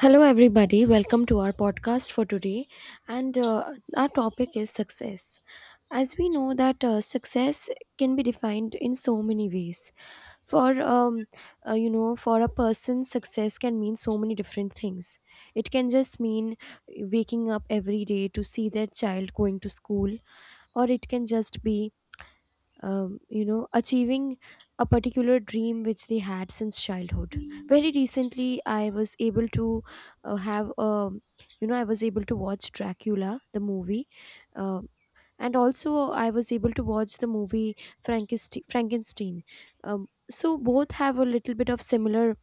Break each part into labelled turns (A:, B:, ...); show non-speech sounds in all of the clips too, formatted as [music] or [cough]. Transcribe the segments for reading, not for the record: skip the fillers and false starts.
A: Hello, everybody. Welcome to our podcast for today. And our topic is success. As we know, that success can be defined in so many ways. For um, for a person, success can mean so many different things. It can just mean waking up every day to see their child going to school, or it can just be achieving a particular dream which they had since childhood. Very recently, I was able to have, you know, I was able to watch Dracula, the movie. Um and also, I was able to watch the movie Frankenstein. So both have a little bit of similar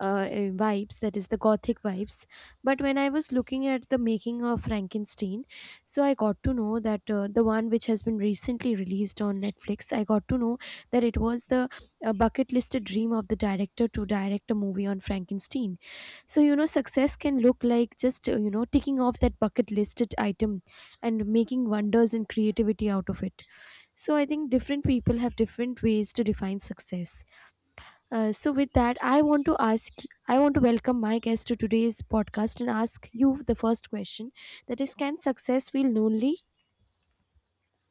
A: vibes, that is, the gothic vibes, but when I was looking at the making of Frankenstein, so I got to know that the one which has been recently released on Netflix, I got to know that it was the bucket listed dream of the director to direct a movie on Frankenstein. So you know, success can look like just ticking off that bucket listed item and making wonders and creativity out of it. So I think different people have different ways to define success. So with that, I want to welcome my guest to today's podcast and ask you the first question. That is, can success feel lonely?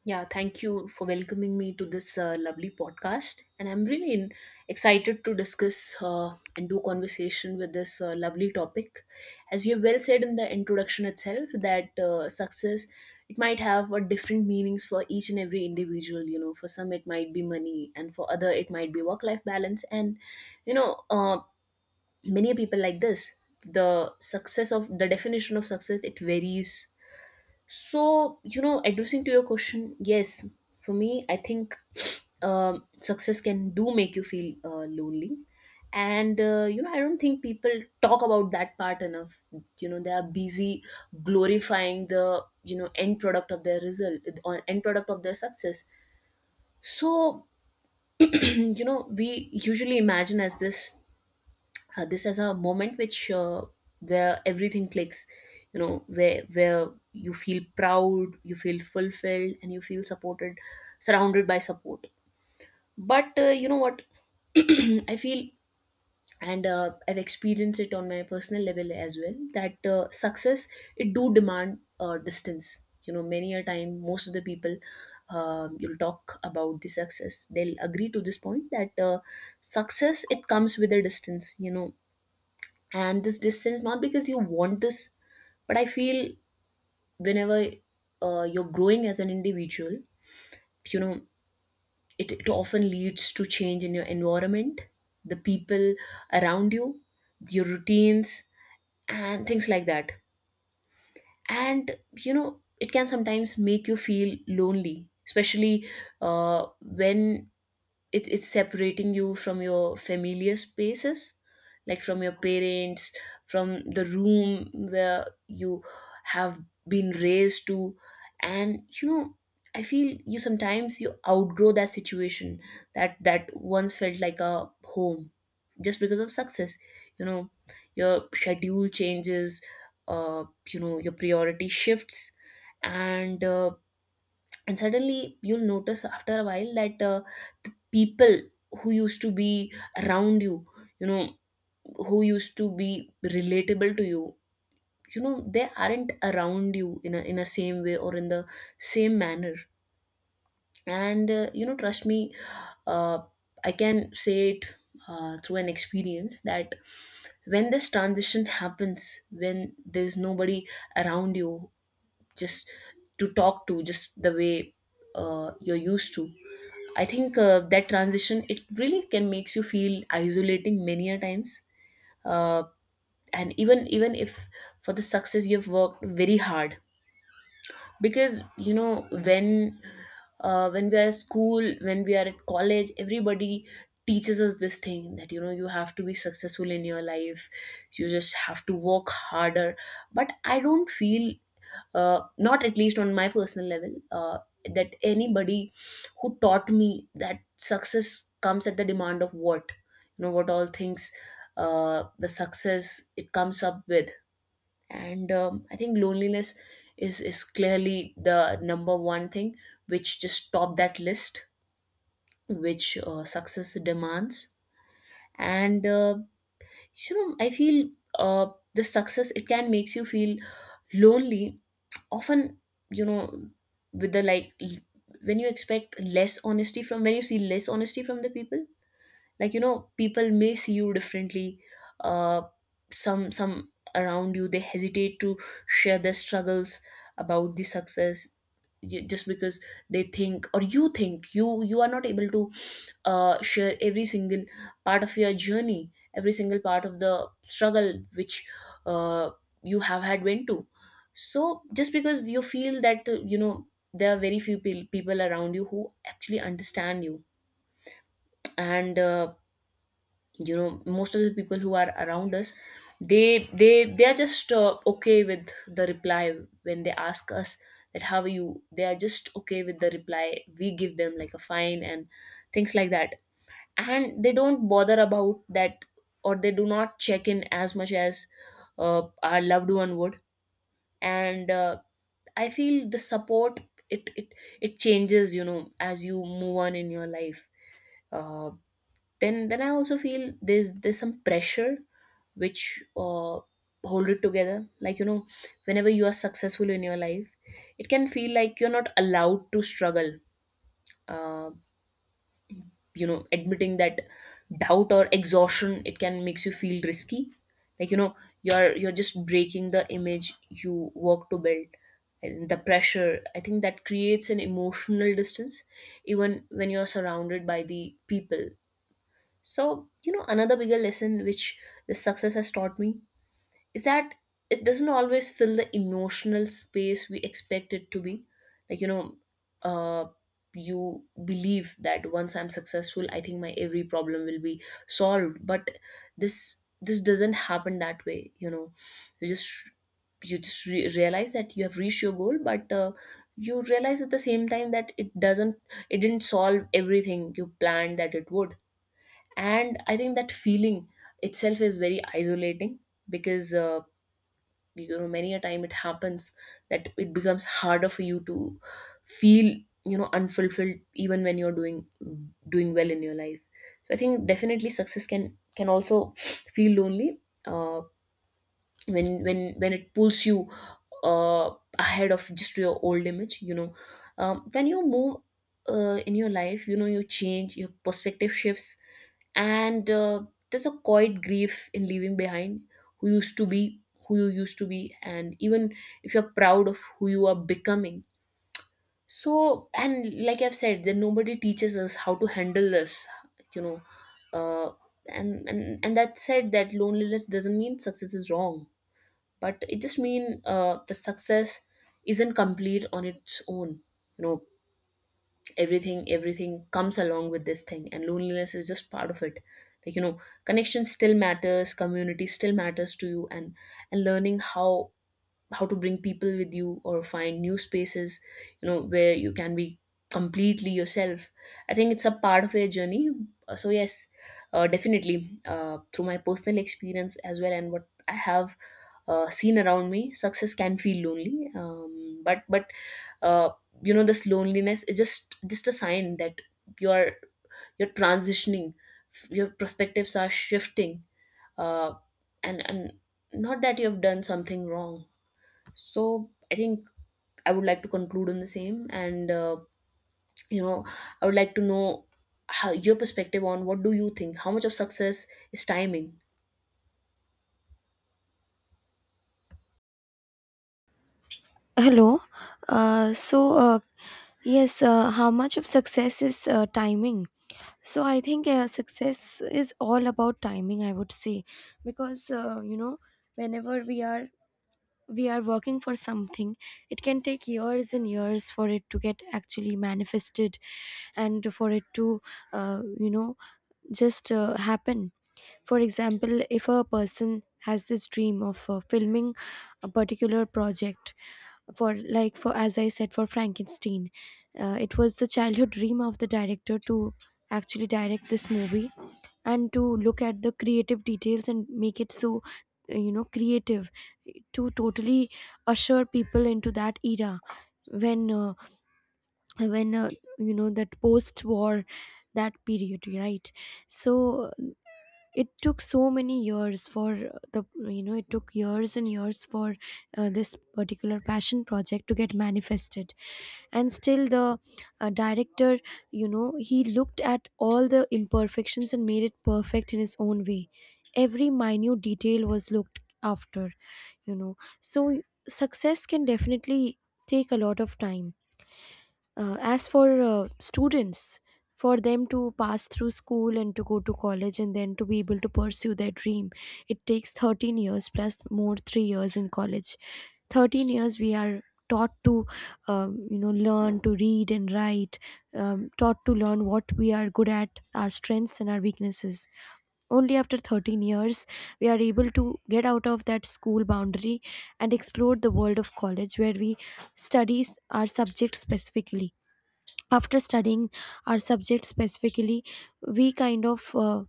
B: Yeah, thank you for welcoming me to this lovely podcast. And I'm really excited to discuss and do conversation with this lovely topic. As you have well said in the introduction itself, that success, it might have a different meanings for each and every individual. You know, for some it might be money and for other it might be work-life balance. You know, uh, Many people like the definition of success, it varies. So, you know, addressing to your question, yes, for me, I think success can do make you feel lonely. You know, I don't think people talk about that part enough. You know, they are busy glorifying the, you know, end product of their result, or end product of their success. So, [clears throat] you know, we usually imagine as this this as a moment which where everything clicks, you know, where you feel proud, you feel fulfilled and you feel supported, surrounded by support. But you know what, [clears throat] I feel, and I've experienced it on my personal level as well, that success, it do demand distance. You know, many a time, most of the people, you'll talk about the success, they'll agree to this point that success, it comes with a distance, you know. And this distance not because you want this, but I feel whenever you're growing as an individual, you know, it often leads to change in your environment, the people around you, your routines, and things like that. And you know, it can sometimes make you feel lonely, especially when it's separating you from your familiar spaces, like from your parents, from the room where you have been raised to. And you know, I feel you sometimes you outgrow that situation, that once felt like a home, just because of success. You know, your schedule changes, uh you know, your priority shifts. And uh, and suddenly you'll notice after a while that the people who used to be around you, you know, who used to be relatable to you, you know, they aren't around you in a same way or in the same manner. And you know, trust me, uh, I can say it through an experience that when this transition happens, when there's nobody around you, just to talk to just the way you're used to, I think that transition, it really can makes you feel isolating many a times. uh, and even if for the success you have worked very hard, because you know, when we are at school, when we are at college, everybody teaches us this thing that, you know, you have to be successful in your life, you just have to work harder. But I don't feel, not at least on my personal level, that anybody who taught me that success comes at the demand of what, you know, what all things the success it comes up with. And I think loneliness is clearly the number one thing which just top that list, which success demands. And you know, I feel, uh, the success, it can makes you feel lonely often, you know, with the like l- when you expect less honesty from when you see less honesty from the people. Like, you know, people may see you differently. uh some around you, they hesitate to share their struggles about the success, just because they think, or you think you, you are not able to share every single part of your journey, every single part of the struggle which uh, you have had went to. So just because you feel that you know, there are very few people around you who actually understand you. And you know, most of the people who are around us, they are just okay with the reply when they ask us that how are you. They are just okay with the reply we give them, like a fine and things like that, and they don't bother about that, or they do not check in as much as our loved one would. And I feel the support, it it changes, you know, as you move on in your life. uh, then I also feel there's some pressure which hold it together, like, you know, whenever you are successful in your life, it can feel like you're not allowed to struggle. uh, you know, admitting that doubt or exhaustion, it can makes you feel risky, like, you know, you're just breaking the image you work to build. And the pressure, I think, that creates an emotional distance even when you're surrounded by the people. So, you know, another bigger lesson which this success has taught me is that it doesn't always fill the emotional space we expect it to be. Like, you know, uh you believe that once I'm successful, I think my every problem will be solved. But this doesn't happen that way, you know. You just you just realize that you have reached your goal, but you realize at the same time that it doesn't, it didn't solve everything you planned that it would. And I think that feeling itself is very isolating, because you know, many a time it happens that it becomes harder for you to feel, you know, unfulfilled even when you're doing well in your life. So I think definitely success can also feel lonely uh, when when it pulls you uh, ahead of just your old image, you know. When you move in your life, you know, you change, your perspective shifts. And there's a quiet grief in leaving behind who used to be who you used to be, and even if you're proud of who you are becoming. So, and like I've said, then nobody teaches us how to handle this, you know. uh, and that said, that loneliness doesn't mean success is wrong, but it just mean the success isn't complete on its own, you know. Everything comes along with this thing, and loneliness is just part of it. Like, you know, connection still matters, community still matters to you. And learning how to bring people with you or find new spaces, you know, where you can be completely yourself. I think it's a part of a journey. So yes, definitely, through my personal experience as well, and what I have seen around me, success can feel lonely. But uh, you know, this loneliness is just a sign that you're you're transitioning, your perspectives are shifting. uh, and not that you have done something wrong. So I think I would like to conclude on the same. And you know, I would like to know how, your perspective on what do you think, how much of success is timing.
A: Hello. Uh, so uh, yes, how much of success is timing? So I think success is all about timing, I would say, because whenever we are working for something, it can take years and years for it to get actually manifested and for it to you know just happen. For example, if a person has this dream of filming a particular project, for like for as I said, for Frankenstein, it was the childhood dream of the director to actually direct this movie and to look at the creative details and make it so creative, to totally usher people into that era, when uh, when you know that post war, that period, right? So it took so many years for the you know it took years and years for this particular passion project to get manifested. And still the director, he looked at all the imperfections and made it perfect in his own way. Every minute detail was looked after you know so success can definitely take a lot of time. As for students, for them to pass through school and to go to college and then to be able to pursue their dream, it takes 13 years plus more 3 years in college. 13 years we are taught to learn to read and write, taught to learn what we are good at, our strengths and our weaknesses. Only after 13 years we are able to get out of that school boundary and explore the world of college where we study our subject specifically. After studying our subject specifically, we kind of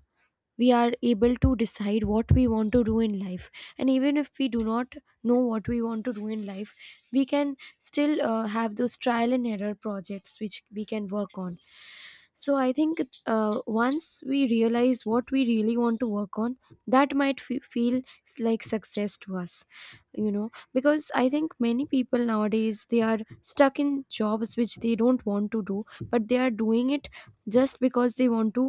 A: we are able to decide what we want to do in life. And even if we do not know what we want to do in life, we can still have those trial and error projects which we can work on. So I think once we realize what we really want to work on, that might feel like success to us you know because I think many people nowadays, they are stuck in jobs which they don't want to do, but they are doing it just because they want to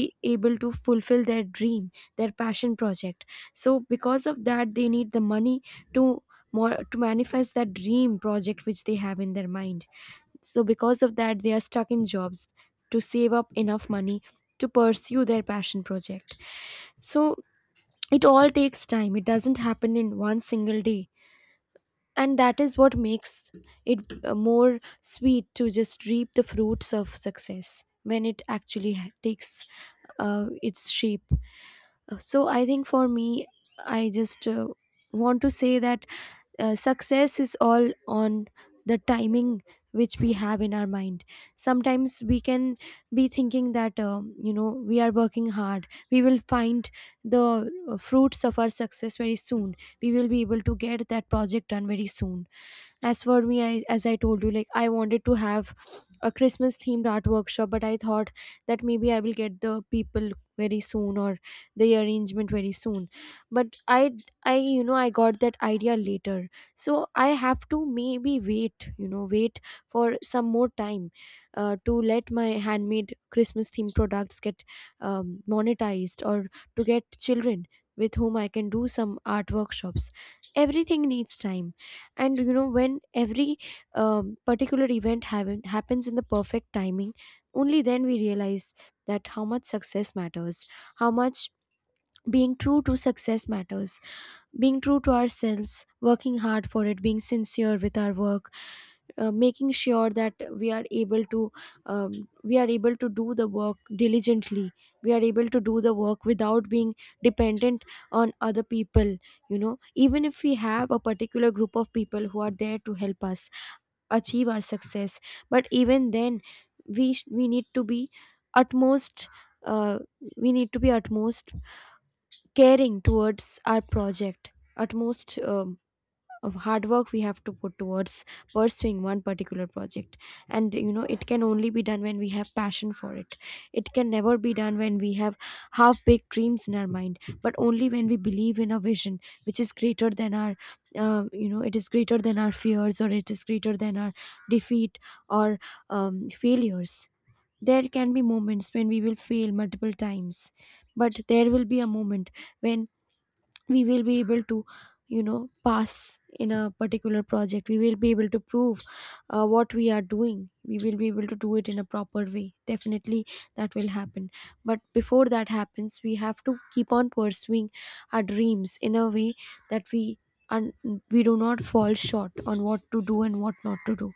A: be able to fulfill their dream, their passion project. So because of that, they need the money to, more to manifest that dream project which they have in their mind. So because of that, they are stuck in jobs to save up enough money to pursue their passion project. So it all takes time, it doesn't happen in one single day, and that is what makes it more sweet to just reap the fruits of success when it actually takes its shape. So I think for me, I just want to say that success is all on the timing which we have in our mind. Sometimes we can be thinking that, we are working hard. We will find the fruits of our success very soon. We will be able to get that project done very soon. As for me, as I told you, like I wanted to have a Christmas themed art workshop, but I thought that maybe I will get the people very soon, or the arrangement very soon, but I you know I got that idea later. So I have to maybe wait you know wait for some more time to let my handmade Christmas themed products get monetized, or to get children with whom I can do some art workshops. Everything needs time, and you know, when every particular event happens in the perfect timing, only then we realize that how much success matters, how much being true to success matters, being true to ourselves, working hard for it, being sincere with our work, making sure that we are able to do the work diligently, we are able to do the work without being dependent on other people. You know, even if we have a particular group of people who are there to help us achieve our success, but even then we need to be utmost, uh, we need to be utmost caring towards our project, utmost of hard work we have to put towards pursuing one particular project. And you know, it can only be done when we have passion for it. It can never be done when we have half baked dreams in our mind, but only when we believe in a vision which is greater than our, it is greater than our fears, or it is greater than our defeat, or failures. There can be moments when we will fail multiple times, but there will be a moment when we will be able to, you know, pass in a particular project. We will be able to prove what we are doing, we will be able to do it in a proper way, definitely that will happen. But before that happens, we have to keep on pursuing our dreams in a way that and we do not fall short on what to do and what not to do.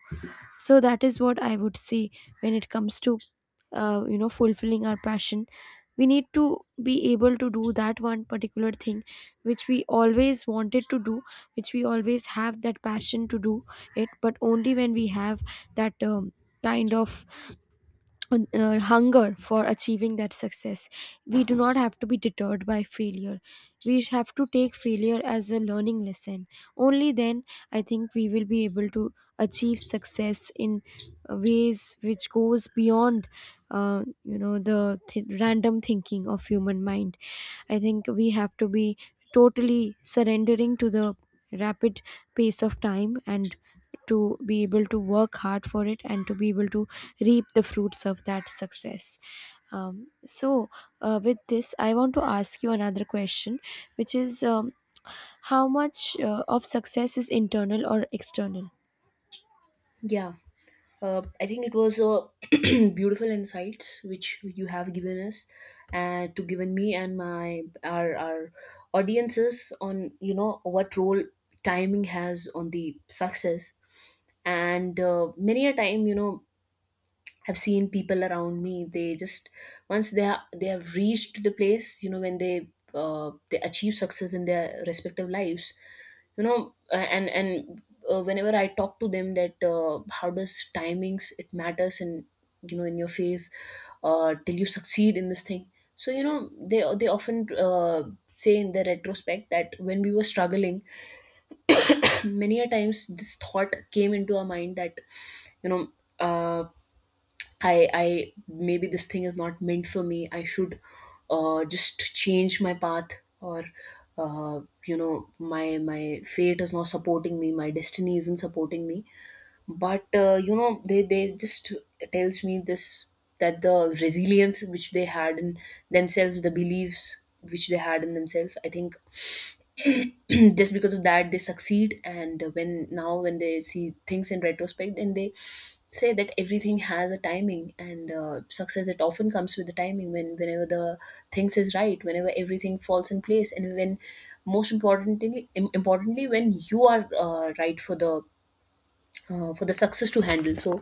A: So that is what I would say. When it comes to fulfilling our passion, we need to be able to do that one particular thing which we always wanted to do, which we always have that passion to do it, but only when we have that kind of hunger for achieving that success. We do not have to be deterred by failure. We have to take failure as a learning lesson. Only then, I think we will be able to achieve success in ways which goes beyond, the random thinking of human mind. I think we have to be totally surrendering to the rapid pace of time, and to be able to work hard for it, and to be able to reap the fruits of that success. So with this, I want to ask you another question, which is, how much of success is internal or external?
B: Yeah. I think it was a [clears throat] beautiful insights which you have given us, and to given me and my our audiences on, you know, what role timing has on the success. And many a time, you know, I've seen people around me. They just, once they are, they have reached the place, you know, when they achieve success in their respective lives, you know, and whenever I talk to them that how does timings it matters, and you know, in your phase, till you succeed in this thing. So you know, they often say in the retrospect that when we were struggling, many a times this thought came into our mind that, you know, uh, I maybe this thing is not meant for me. I should just change my path, or you know, my fate is not supporting me. My destiny isn't supporting me. But you know, they just tells me this, that the resilience which they had in themselves, the beliefs which they had in themselves. I think [clears throat] just because of that they succeed, and when now when they see things in retrospect, then they say that everything has a timing. And success, it often comes with the timing when whenever the things is right, whenever everything falls in place, and when most importantly importantly when you are right for the success to handle. So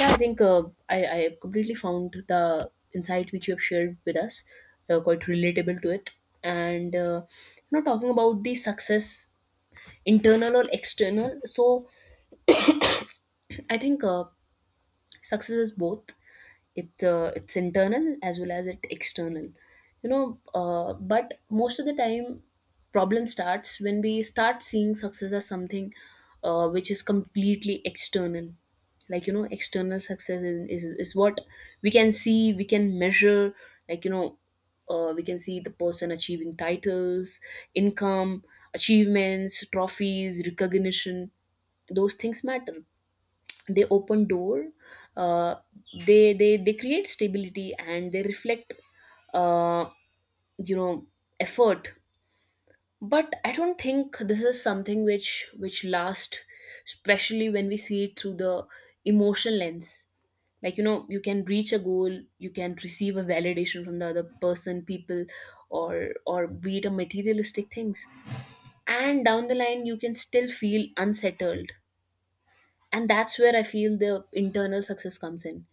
B: yeah, I think I completely found the insight which you have shared with us quite relatable to it. And talking about the success, internal or external. So I think success is both. It's internal as well as it external. But most of the time, problem starts when we start seeing success as something which is completely external. External success is what we can see, we can measure. like you know we can see the person achieving titles, income, achievements, trophies, recognition. Those things matter. They open door. uh, they create stability, and they reflect uh, you know effort. But I don't think this is something which lasts, especially when we see it through the emotional lens. You can reach a goal, you can receive a validation from the other person, people, or be it a materialistic things, and down the line you can still feel unsettled. And that's where I feel the internal success comes in.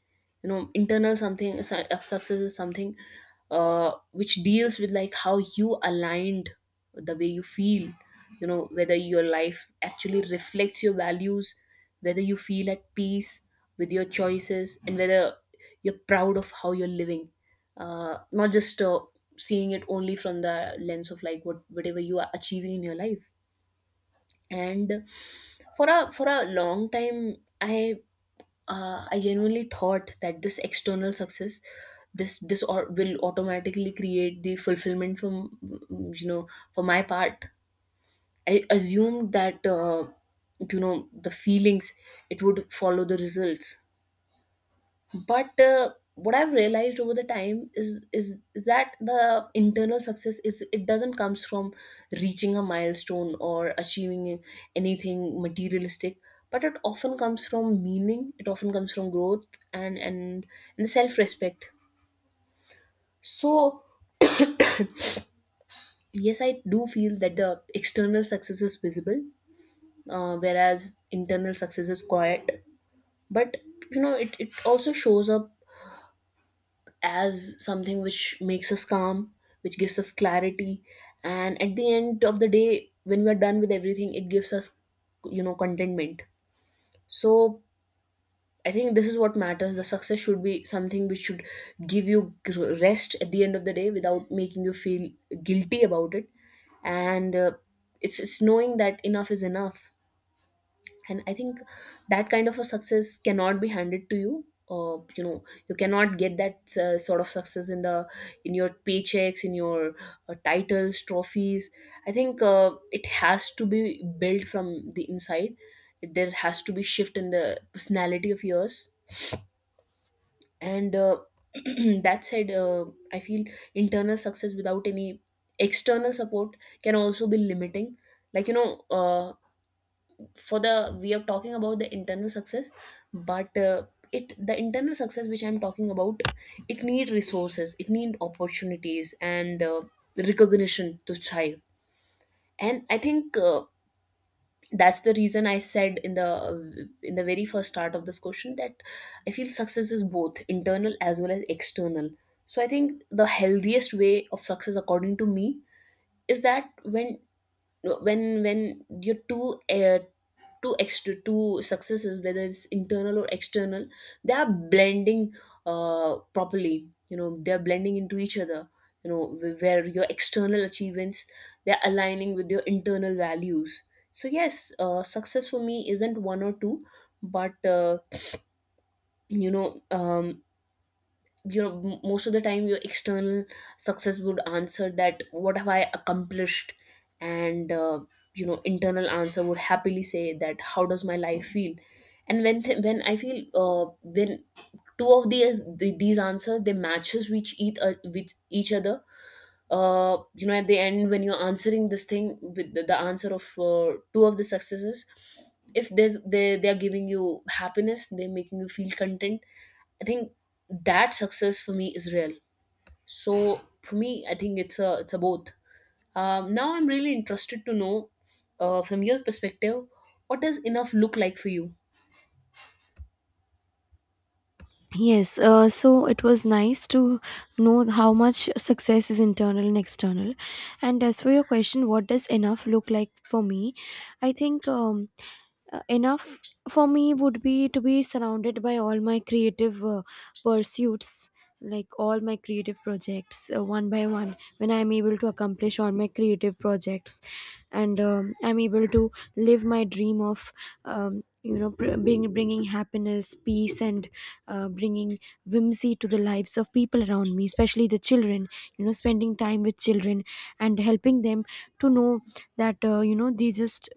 B: You know, success is something which deals with like how you aligned, the way you feel. You know, whether your life actually reflects your values, whether you feel at peace with your choices, and whether you're proud of how you're living. Not just seeing it only from the lens of like whatever you are achieving in your life. And for a long time I I genuinely thought that this external success, this or will automatically create the fulfillment from, you know, for my part. I assumed that you know, the feelings, it would follow the results. But what I've realized over the time is that the internal success, is it doesn't comes from reaching a milestone or achieving anything materialistic. But it often comes from meaning, it often comes from growth, and and, and self respect. So yes, I do feel that the external success is visible, whereas internal success is quiet. But you know, it also shows up as something which makes us calm, which gives us clarity. And at the end of the day, when we're done with everything, it gives us, contentment. So I think this is what matters. The success should be something which should give you rest at the end of the day without making you feel guilty about it. And it's knowing that enough is enough. And I think that kind of a success cannot be handed to you. You know you cannot get that sort of success in the in your paychecks, in your titles, trophies. I think it has to be built from the inside. There has to be shift in the personality of yours. And [clears throat] that said, I feel internal success without any external support can also be limiting. like you know uh, for the we are talking about the internal success, but it, the internal success which I'm talking about, it need resources, it need opportunities, and recognition to thrive. And I think that's the reason I said in the very first start of this question that I feel success is both internal as well as external. So I think the healthiest way of success according to me is that when you're too two successes, whether it's internal or external, they are blending properly. You know, they're blending into each other. You know, where your external achievements, they're aligning with your internal values. So yes, success for me isn't one or two, but you know um, most of the time your external success would answer that what have I accomplished. And internal answer would happily say that how does my life feel. And when when I feel when two of these these answers, they matches which each with each other. At the end when you're answering this thing with the answer of two of the successes, if there's they are giving you happiness, they're making you feel content, I think that success for me is real. So for me, I think it's a both. Now I'm really interested to know from your perspective, what does enough look like for you?
A: Yes, it was nice to know how much success is internal and external. And as for your question, what does enough look like for me? I think enough for me would be to be surrounded by all my creative pursuits, like all my creative projects. One by one, when I am able to accomplish all my creative projects and I'm able to live my dream of bringing happiness, peace, and bringing whimsy to the lives of people around me, especially the children. You know, spending time with children and helping them to know that, they just,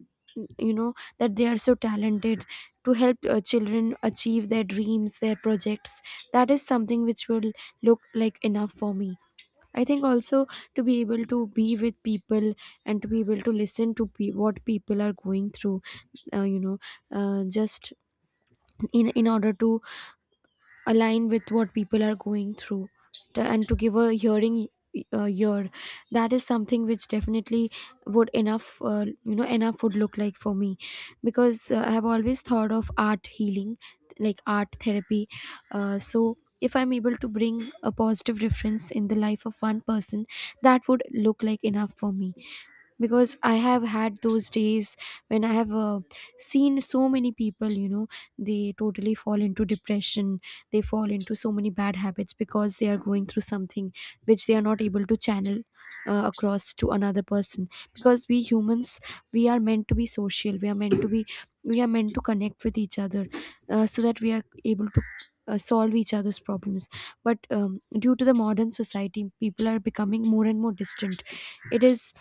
A: you know that they are so talented. To help children achieve their dreams, their projects, that is something which will look like enough for me. I think also to be able to be with people, and to be able to listen to what people are going through. uh, you know just in order to align with what people are going through, and to give a hearing ear. That is something which definitely would enough, enough would look like for me. Because I have always thought of art healing, like art therapy. So if I'm able to bring a positive difference in the life of one person, that would look like enough for me. Because I have had those days when I have seen so many people, you know, they totally fall into depression, they fall into so many bad habits because they are going through something which they are not able to channel across to another person. Because we humans, we are meant to be social, we are meant to be, we are meant to connect with each other, so that we are able to solve each other's problems. But due to the modern society, people are becoming more and more distant. It is,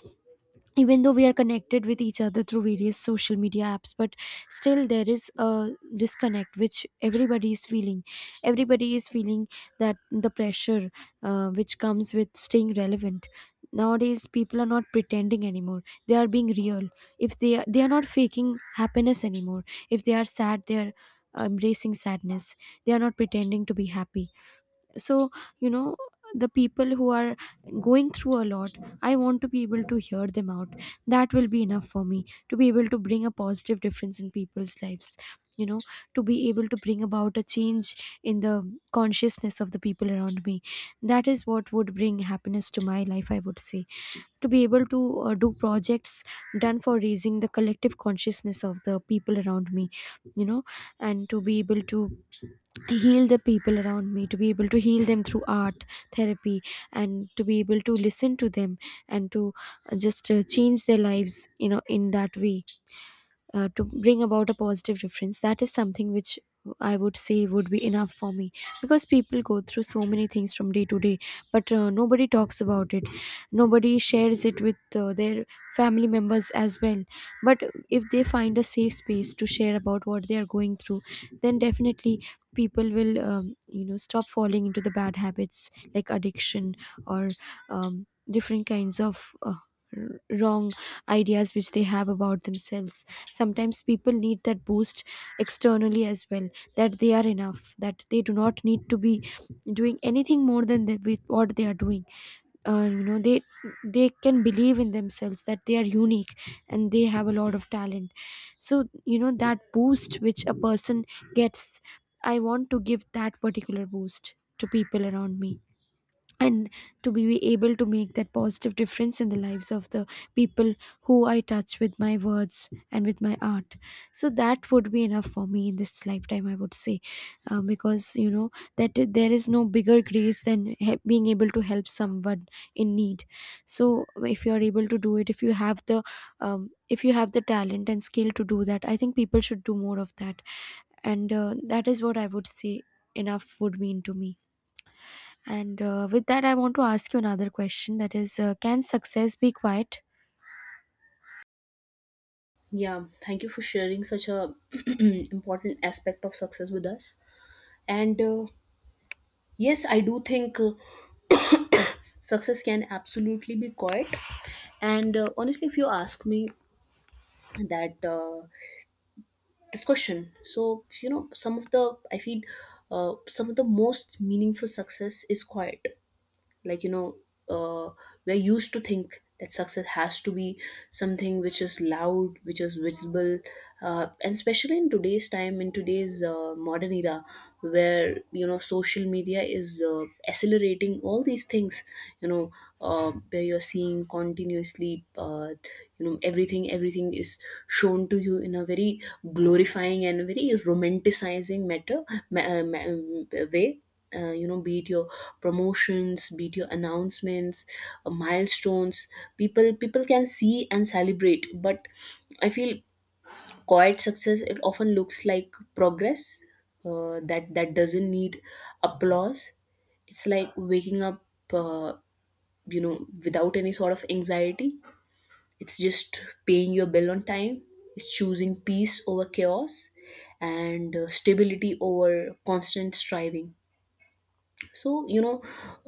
A: even though we are connected with each other through various social media apps, but still there is a disconnect which everybody is feeling. Everybody is feeling that the pressure which comes with staying relevant. Nowadays people are not pretending anymore, they are being real. If they are, they are not faking happiness anymore. If they are sad, they are embracing sadness, they are not pretending to be happy. So, you know, the people who are going through a lot, I want to be able to hear them out. That will be enough for me, to be able to bring a positive difference in people's lives. You know, to be able to bring about a change in the consciousness of the people around me, that is what would bring happiness to my life, I would say. To be able to do projects done for raising the collective consciousness of the people around me. You know, and to be able to heal the people around me, to be able to heal them through art therapy, and to be able to listen to them, and to just change their lives, you know, in that way. To bring about a positive difference, that is something which I would say would be enough for me. Because people go through so many things from day to day, but nobody talks about it, nobody shares it with their family members as well. But if they find a safe space to share about what they are going through, then definitely people will, stop falling into the bad habits like addiction, or different kinds of wrong ideas which they have about themselves. Sometimes people need that boost externally as well, that they are enough, that they do not need to be doing anything more than they, with what they are doing. uh, you know they they can believe in themselves, that they are unique and they have a lot of talent. So, you know, that boost which a person gets, I want to give that particular boost to people around me. And to be able to make that positive difference in the lives of the people who I touch with my words and with my art. So that would be enough for me in this lifetime, I would say. Because, you know, there is no bigger grace than being able to help someone in need. So if you are able to do it, if you have the if you have the talent and skill to do that, I think people should do more of that, and that is what I would say enough would mean to me. And with that, I want to ask you another question, that is, can success be quiet?
B: Yeah, thank you for sharing such a [clears throat] important aspect of success with us. And yes, I do think success can absolutely be quiet. And honestly, if you ask me that this question, so you know, some of the I feel, some of the most meaningful success is quiet. like you know uh, we're used to think that success has to be something which is loud, which is visible. And especially in today's time, in today's modern era, where you know social media is accelerating all these things, you know, where you're seeing continuously, everything is shown to you in a very glorifying and very romanticizing way. Be it your promotions, be it your announcements, milestones, people can see and celebrate. But I feel quiet success, it often looks like progress that doesn't need applause. It's like waking up uh, you know, without any sort of anxiety. It's just paying your bill on time. It's choosing peace over chaos, and stability over constant striving. so you know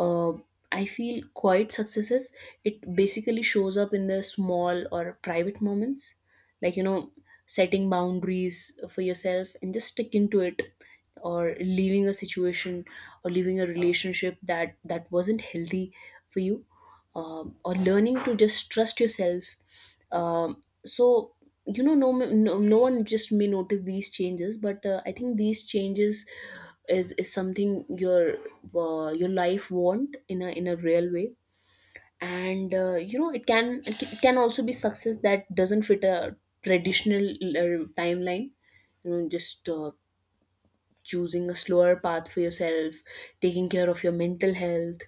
B: uh, I feel quiet successes, it basically shows up in the small or private moments. like you know setting boundaries for yourself and just sticking to it, or leaving a situation, or leaving a relationship that wasn't healthy for you. Or learning to just trust yourself. So you know, no one just may notice these changes, but I think these changes is something your life want in a real way. And you know, it can, it can also be success that doesn't fit a traditional timeline. You know, just choosing a slower path for yourself, taking care of your mental health,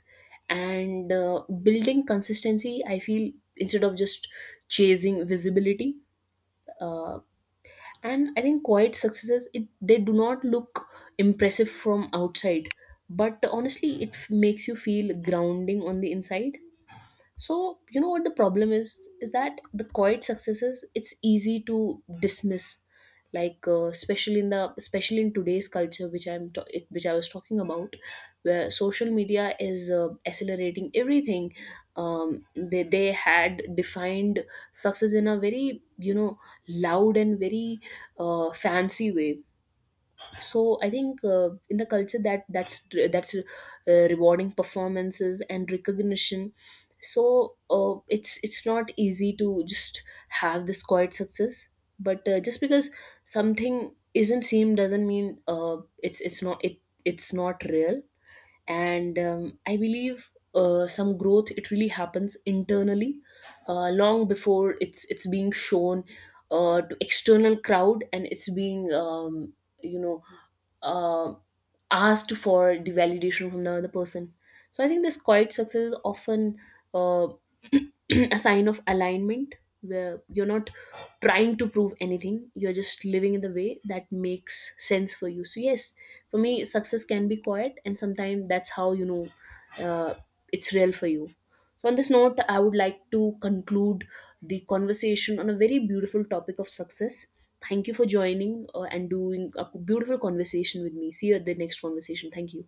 B: and building consistency, I feel, instead of just chasing visibility. uh, and I think quiet successes, it they do not look impressive from outside, but honestly it makes you feel grounding on the inside. So you know what the problem is that the quiet successes, it's easy to dismiss. Especially in the, especially in today's culture which which I was talking about, where social media is accelerating everything. They had defined success in a very, you know, loud and very fancy way. So I think in the culture that that's rewarding performances and recognition. So it's not easy to just have this quiet success. But just because something isn't seen doesn't mean it's not it's not real. And I believe some growth, it really happens internally long before it's being shown to external crowd, and it's being you know uh, asked for the validation from the other person. So I think this quiet success is often uh, [clears throat] a sign of alignment where you're not trying to prove anything, you're just living in the way that makes sense for you. So yes, for me success can be quiet, and sometimes that's how you know uh, it's real for you. So on this note, I would like to conclude the conversation on a very beautiful topic of success. Thank you for joining, and doing a beautiful conversation with me. See you at the next conversation. Thank you.